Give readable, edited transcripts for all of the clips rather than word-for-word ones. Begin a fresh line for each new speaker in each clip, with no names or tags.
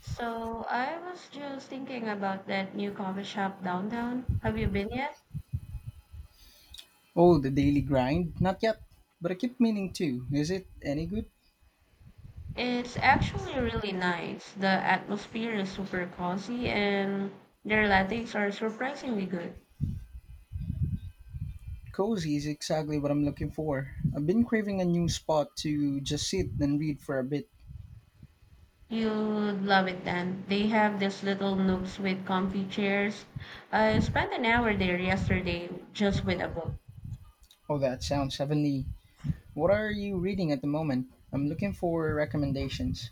So I was just thinking about that new coffee shop downtown. Have you been yet?
Oh, the daily grind? Not yet, but I keep meaning to. Is it any good?
It's actually really nice. The atmosphere is super cozy and their lattes are surprisingly good.
Cozy is exactly what I'm looking for. I've been craving a new spot to just sit and read for a bit.
You'd love it then. They have these little nooks with comfy chairs. I spent an hour there yesterday just with a book.
Oh, that sounds heavenly. What are you reading at the moment? I'm looking for recommendations.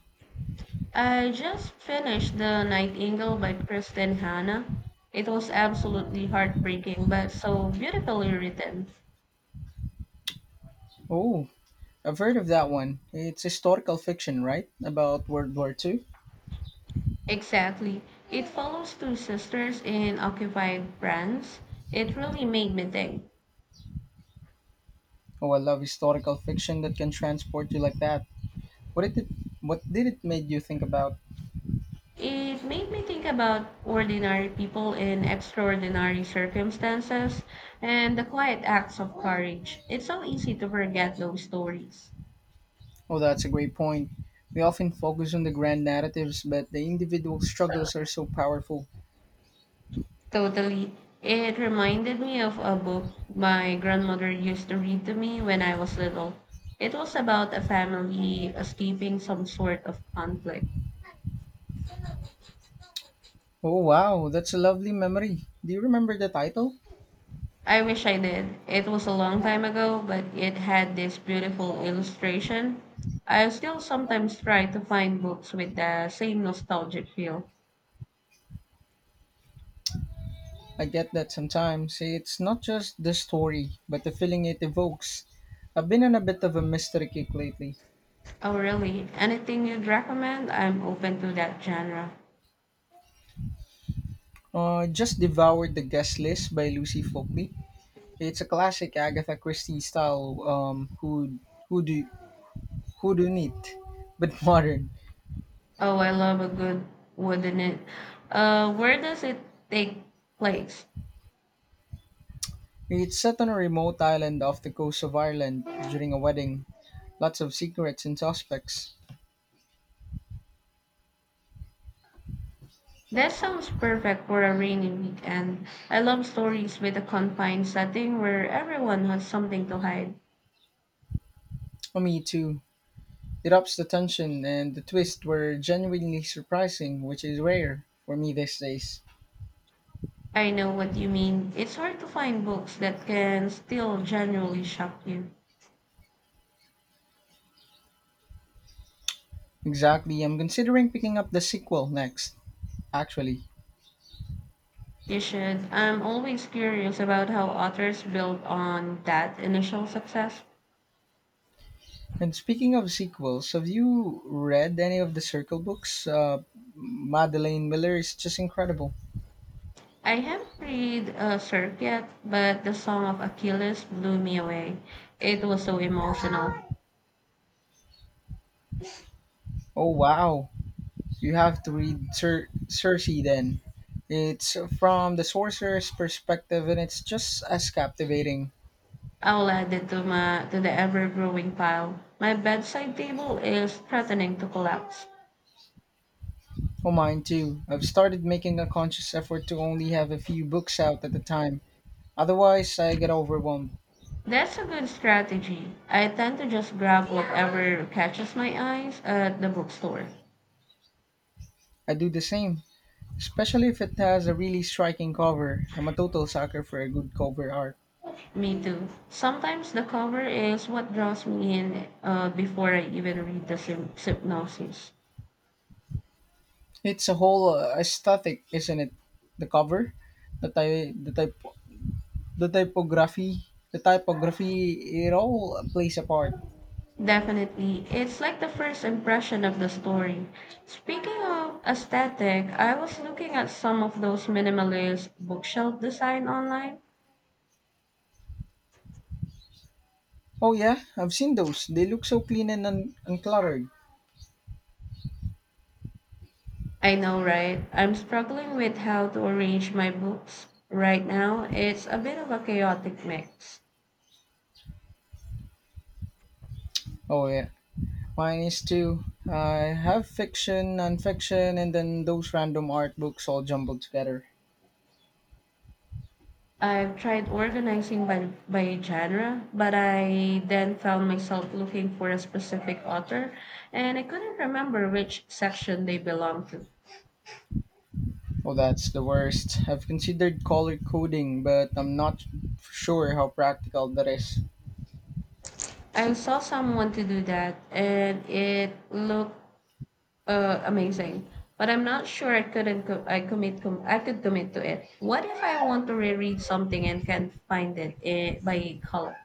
I just finished The Nightingale by Kristen Hanna. It was absolutely heartbreaking but so beautifully written.
Oh, I've heard of that one. It's historical fiction, right? About World War Two.
Exactly. It follows two sisters in occupied France. It really made me think.
Oh, I love historical fiction that can transport you like that. What did it, what did it make you think about?
It made me think about ordinary people in extraordinary circumstances and the quiet acts of courage. It's so easy to forget those stories.
Oh, that's a great point. We often focus on the grand narratives, but the individual struggles are so powerful.
Totally. It reminded me of a book my grandmother used to read to me when I was little. It was about a family escaping some sort of conflict.
Oh, wow, that's a lovely memory. Do you remember the title?
I wish I did. It was a long time ago, but it had this beautiful illustration. I still sometimes try to find books with the same nostalgic feel.
I get that sometimes. It's not just the story, but the feeling it evokes. I've been on a bit of a mystery kick lately.
Oh, really? Anything you'd recommend? I'm open to that genre.
Just devoured The Guest List by Lucy Folkley. It's a classic Agatha Christie style who do, who do need, but modern.
Oh, I love a good wooden it. Where does it take place?
It's set on a remote island off the coast of Ireland during a wedding. Lots of secrets and suspects.
That sounds perfect for a rainy weekend. I love stories with a confined setting where everyone has something to hide.
Oh, me too. It ups the tension, and the twists were genuinely surprising, which is rare for me these days.
I know what you mean. It's hard to find books that can still genuinely shock you.
Exactly, I'm considering picking up the sequel next, actually.
You should. I'm always curious about how authors build on that initial success.
And speaking of sequels, have you read any of the Circle books? Madeleine Miller is just incredible.
I haven't read Cirque yet, but The Song of Achilles blew me away. It was so emotional.
Oh, wow. You have to read Circe then. It's from the sorcerer's perspective and it's just as captivating.
I'll add it to my to the ever growing pile. My bedside table is threatening to collapse.
Oh, mine too. I've started making a conscious effort to only have a few books out at a time. Otherwise, I get overwhelmed.
That's a good strategy. I tend to just grab whatever catches my eyes at the bookstore.
I do the same, especially if it has a really striking cover. I'm a total sucker for a good cover art.
Me too. Sometimes the cover is what draws me in before I even read the synopsis.
It's a whole aesthetic, isn't it? The cover, the type, the typography, the typography. It all plays a part.
Definitely. It's like the first impression of the story. Speaking of aesthetic, I was looking at some of those minimalist bookshelf design online.
Oh yeah, I've seen those. They look so clean and uncluttered.
I know, right? I'm struggling with how to arrange my books right now. It's a bit of a chaotic mix.
Oh yeah, mine is too. I have fiction, and then those random art books all jumbled together.
I've tried organizing by genre, but I then found myself looking for a specific author and I couldn't remember which section they belonged to.
Oh, that's the worst. I've considered color coding, but I'm not sure how practical that is.
I saw someone to do that and it looked amazing. But I'm not sure I could commit to it. What if I want to reread something and can't find it by color?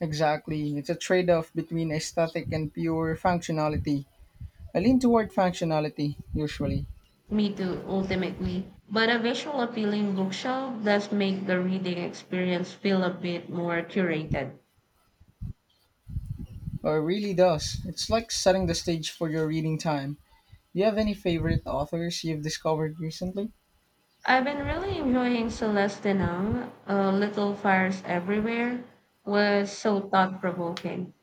Exactly, it's a trade-off between aesthetic and pure functionality. I lean toward functionality usually,
Me too, ultimately. But a visual appealing bookshelf does make the reading experience feel a bit more curated.
but it really does. It's like setting the stage for your reading time. Do you have any favorite authors you've discovered recently?
I've been really enjoying Celeste Denang. Little Fires Everywhere was so thought provoking.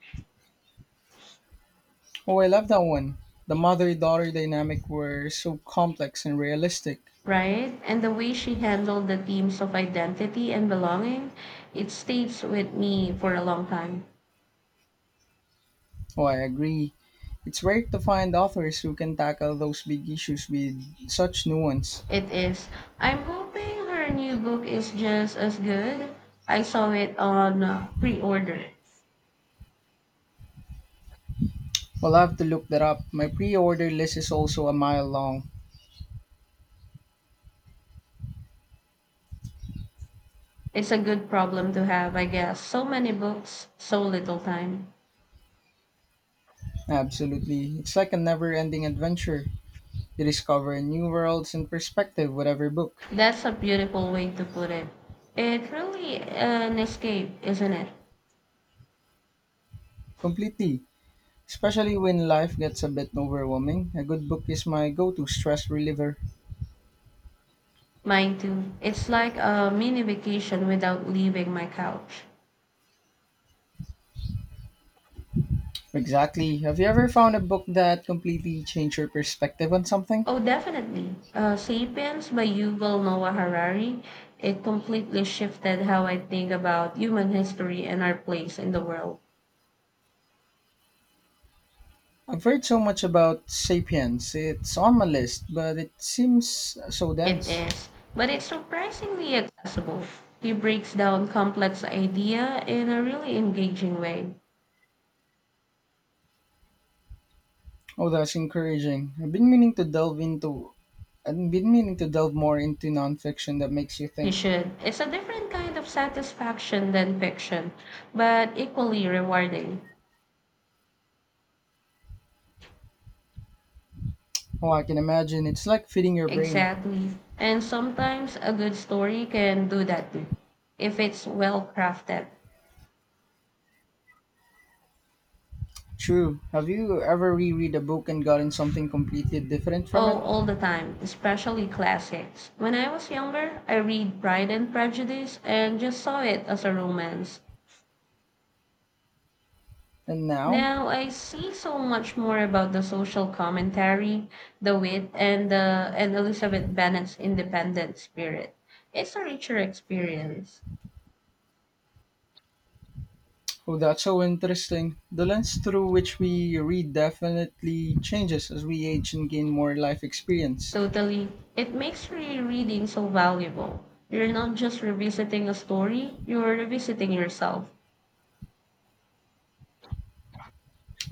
Oh, I love that one. The mother daughter dynamic were so complex and realistic.
Right? And the way she handled the themes of identity and belonging, it stays with me for a long time.
Oh, I agree. It's rare to find authors who can tackle those big issues with such nuance.
It is. I'm hoping her new book is just as good. I saw it on pre-order.
Well, I have to look that up. My pre order list is also a mile long.
It's a good problem to have, I guess. So many books, so little time.
Absolutely. It's like a never ending adventure. You discover new worlds and perspective with every book.
That's a beautiful way to put it. It really an escape, isn't it?
Completely. Especially when life gets a bit overwhelming, a good book is my go to stress reliever.
Mine too. It's like a mini vacation without leaving my couch.
Exactly. Have you ever found a book that completely changed your perspective on something?
Oh, definitely. *Sapiens* by Yuval Noah Harari. It completely shifted how I think about human history and our place in the world.
I've heard so much about Sapiens. It's on my list, but it seems so
It
dense.
is, but it's surprisingly accessible. He breaks down complex idea in a really engaging way.
Oh, that's encouraging. I've been meaning to delve more into nonfiction that makes you
You
think.
should. It's a different kind of satisfaction than fiction, but equally rewarding.
Oh, I can imagine. It's like feeding your brain.
Exactly. And sometimes a good story can do that too, if it's well crafted.
True. Have you ever reread a book and gotten something completely different from
Oh,
it?
all the time, especially classics. When I was younger, I read Pride and Prejudice and just saw it as a romance.
And now?
Now I see so much more about the social commentary, the wit, and the and Elizabeth Bennet's independent spirit. It's a richer experience.
Oh, that's so interesting. The lens through which we read definitely changes as we age and gain more life experience.
Totally. It makes rereading so valuable. You're not just revisiting a story, you're revisiting yourself.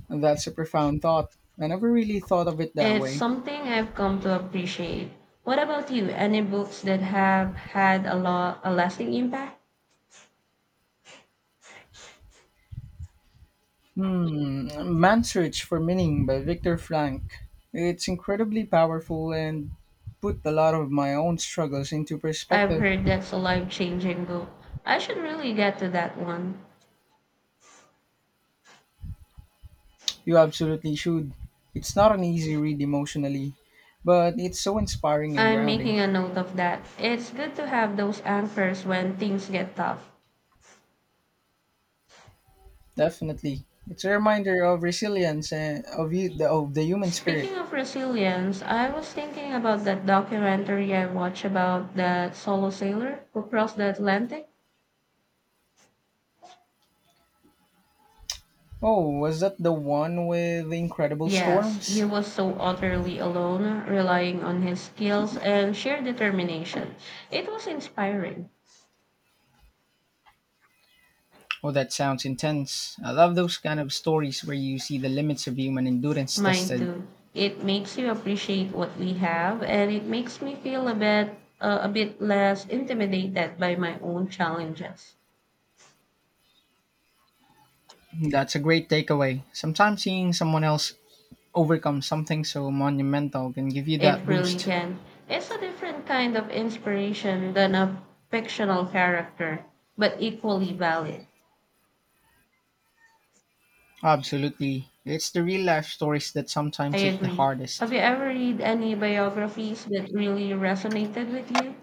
And that's a profound thought. I never really thought of it that
It's
way.
something I've come to appreciate. What about you? Any books that have had a lasting impact?
Hmm, Man's Search for Meaning by Viktor Frank. It's incredibly powerful and put a lot of my own struggles into
I've
perspective.
heard that's a life-changing book. I should really get to that one.
You absolutely should. It's not an easy read emotionally, but it's so inspiring and
I'm
grounding.
making a note of that. It's good to have those anchors when things get tough.
Definitely. It's a reminder of resilience and of the human
Speaking
spirit.
of resilience, I was thinking about that documentary I watched about that solo sailor who crossed the Atlantic.
Oh, was that the one with the incredible
Yes, he
storms?
was so utterly alone, relying on his skills and sheer determination. It was inspiring.
Oh, that sounds intense. I love those kind of stories where you see the limits of human endurance
Mine
tested.
too. It makes you appreciate what we have, and it makes me feel a bit less intimidated by my own challenges.
That's a great takeaway. Sometimes seeing someone else overcome something so monumental can give you
It
that
really
boost.
can. It's a different kind of inspiration than a fictional character, but equally valid.
Absolutely. It's the real life stories that
I
sometimes hit the
agree. Have
hardest.
you ever read any biographies that really resonated with you?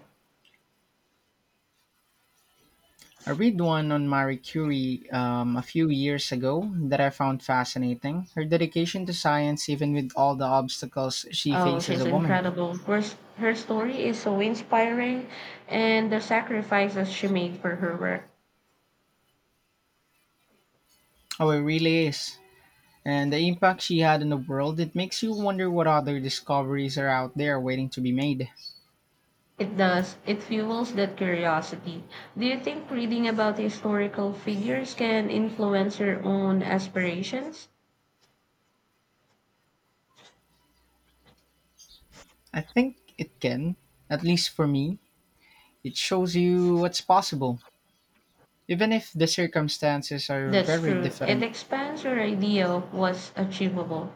I read one on Marie Curie a few years ago that I found fascinating. Her dedication to science, even with all the obstacles she
Oh,
faced as a
she's
woman.
incredible. Her story is so inspiring, and the sacrifices she made for her work.
Oh, it really is. And the impact she had on the world, it makes you wonder what other discoveries are out there waiting to be made.
It does. It fuels that curiosity. Do you think reading about historical figures can influence your own aspirations?
I think it can, at least for me, it shows you what's possible, even if the circumstances are
That's
very
true. It
different.
expands your idea of what's achievable.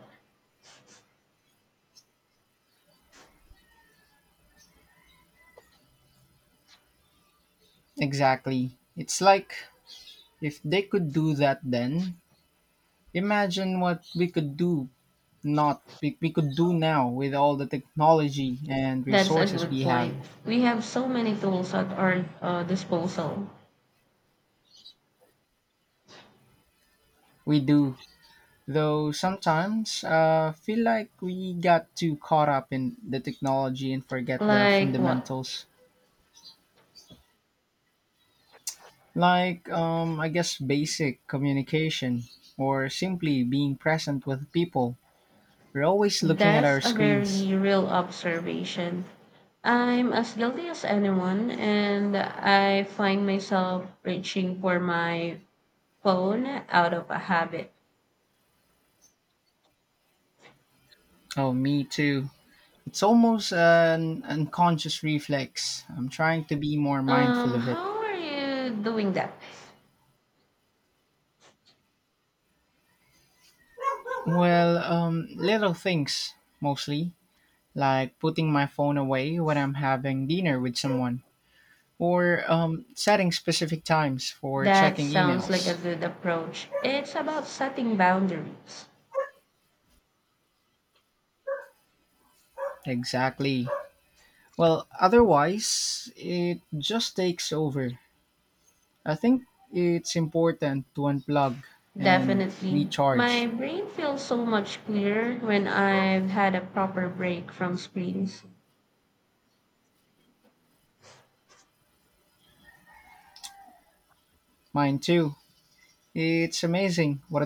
Exactly. It's like if they could do that then, imagine what we could do not we, we could do now with all the technology and
That's a
resources
good
we have.
point. We have so many tools at our disposal.
We do, though sometimes feel like we got too caught up in the technology and forget the
Like what?
fundamentals. Like I guess basic communication or simply being present with people. We're always looking at
That's
our
a
screens.
very real observation. I'm as guilty as anyone, and I find myself reaching for my phone out of a habit.
Oh, me too. It's almost an unconscious reflex. I'm trying to be more mindful
Um,
of it.
how are you doing that?
Well, little things mostly, like putting my phone away when I'm having dinner with someone, or setting specific times for
That
checking
sounds like a
emails.
good approach. It's about setting boundaries.
Exactly. Well, otherwise, it just takes over. I think it's important to unplug and
Definitely. My
recharge.
brain feels so much clearer when I've had a proper break from screens.
Mine too. It's amazing what a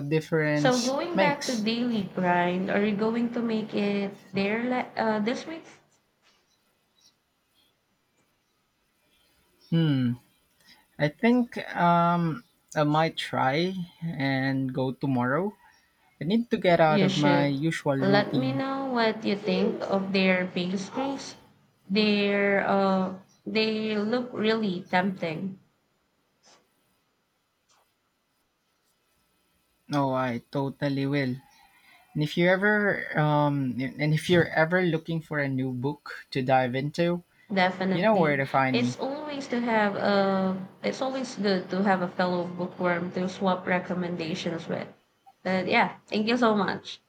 So
difference it
going back to
makes.
daily grind, are you going to make it there this week?
Hmm. I think I might try and go tomorrow. I need to get out
You
of my
should.
usual
Let me
routine.
know what you think of their pastries. Their they look really tempting.
Oh, I totally will. And if you're ever looking for a new book to dive into, you know where
Definitely,
to find
it's
me.
always to have a. It's always good to have a fellow bookworm to swap recommendations with. But yeah, thank you so much.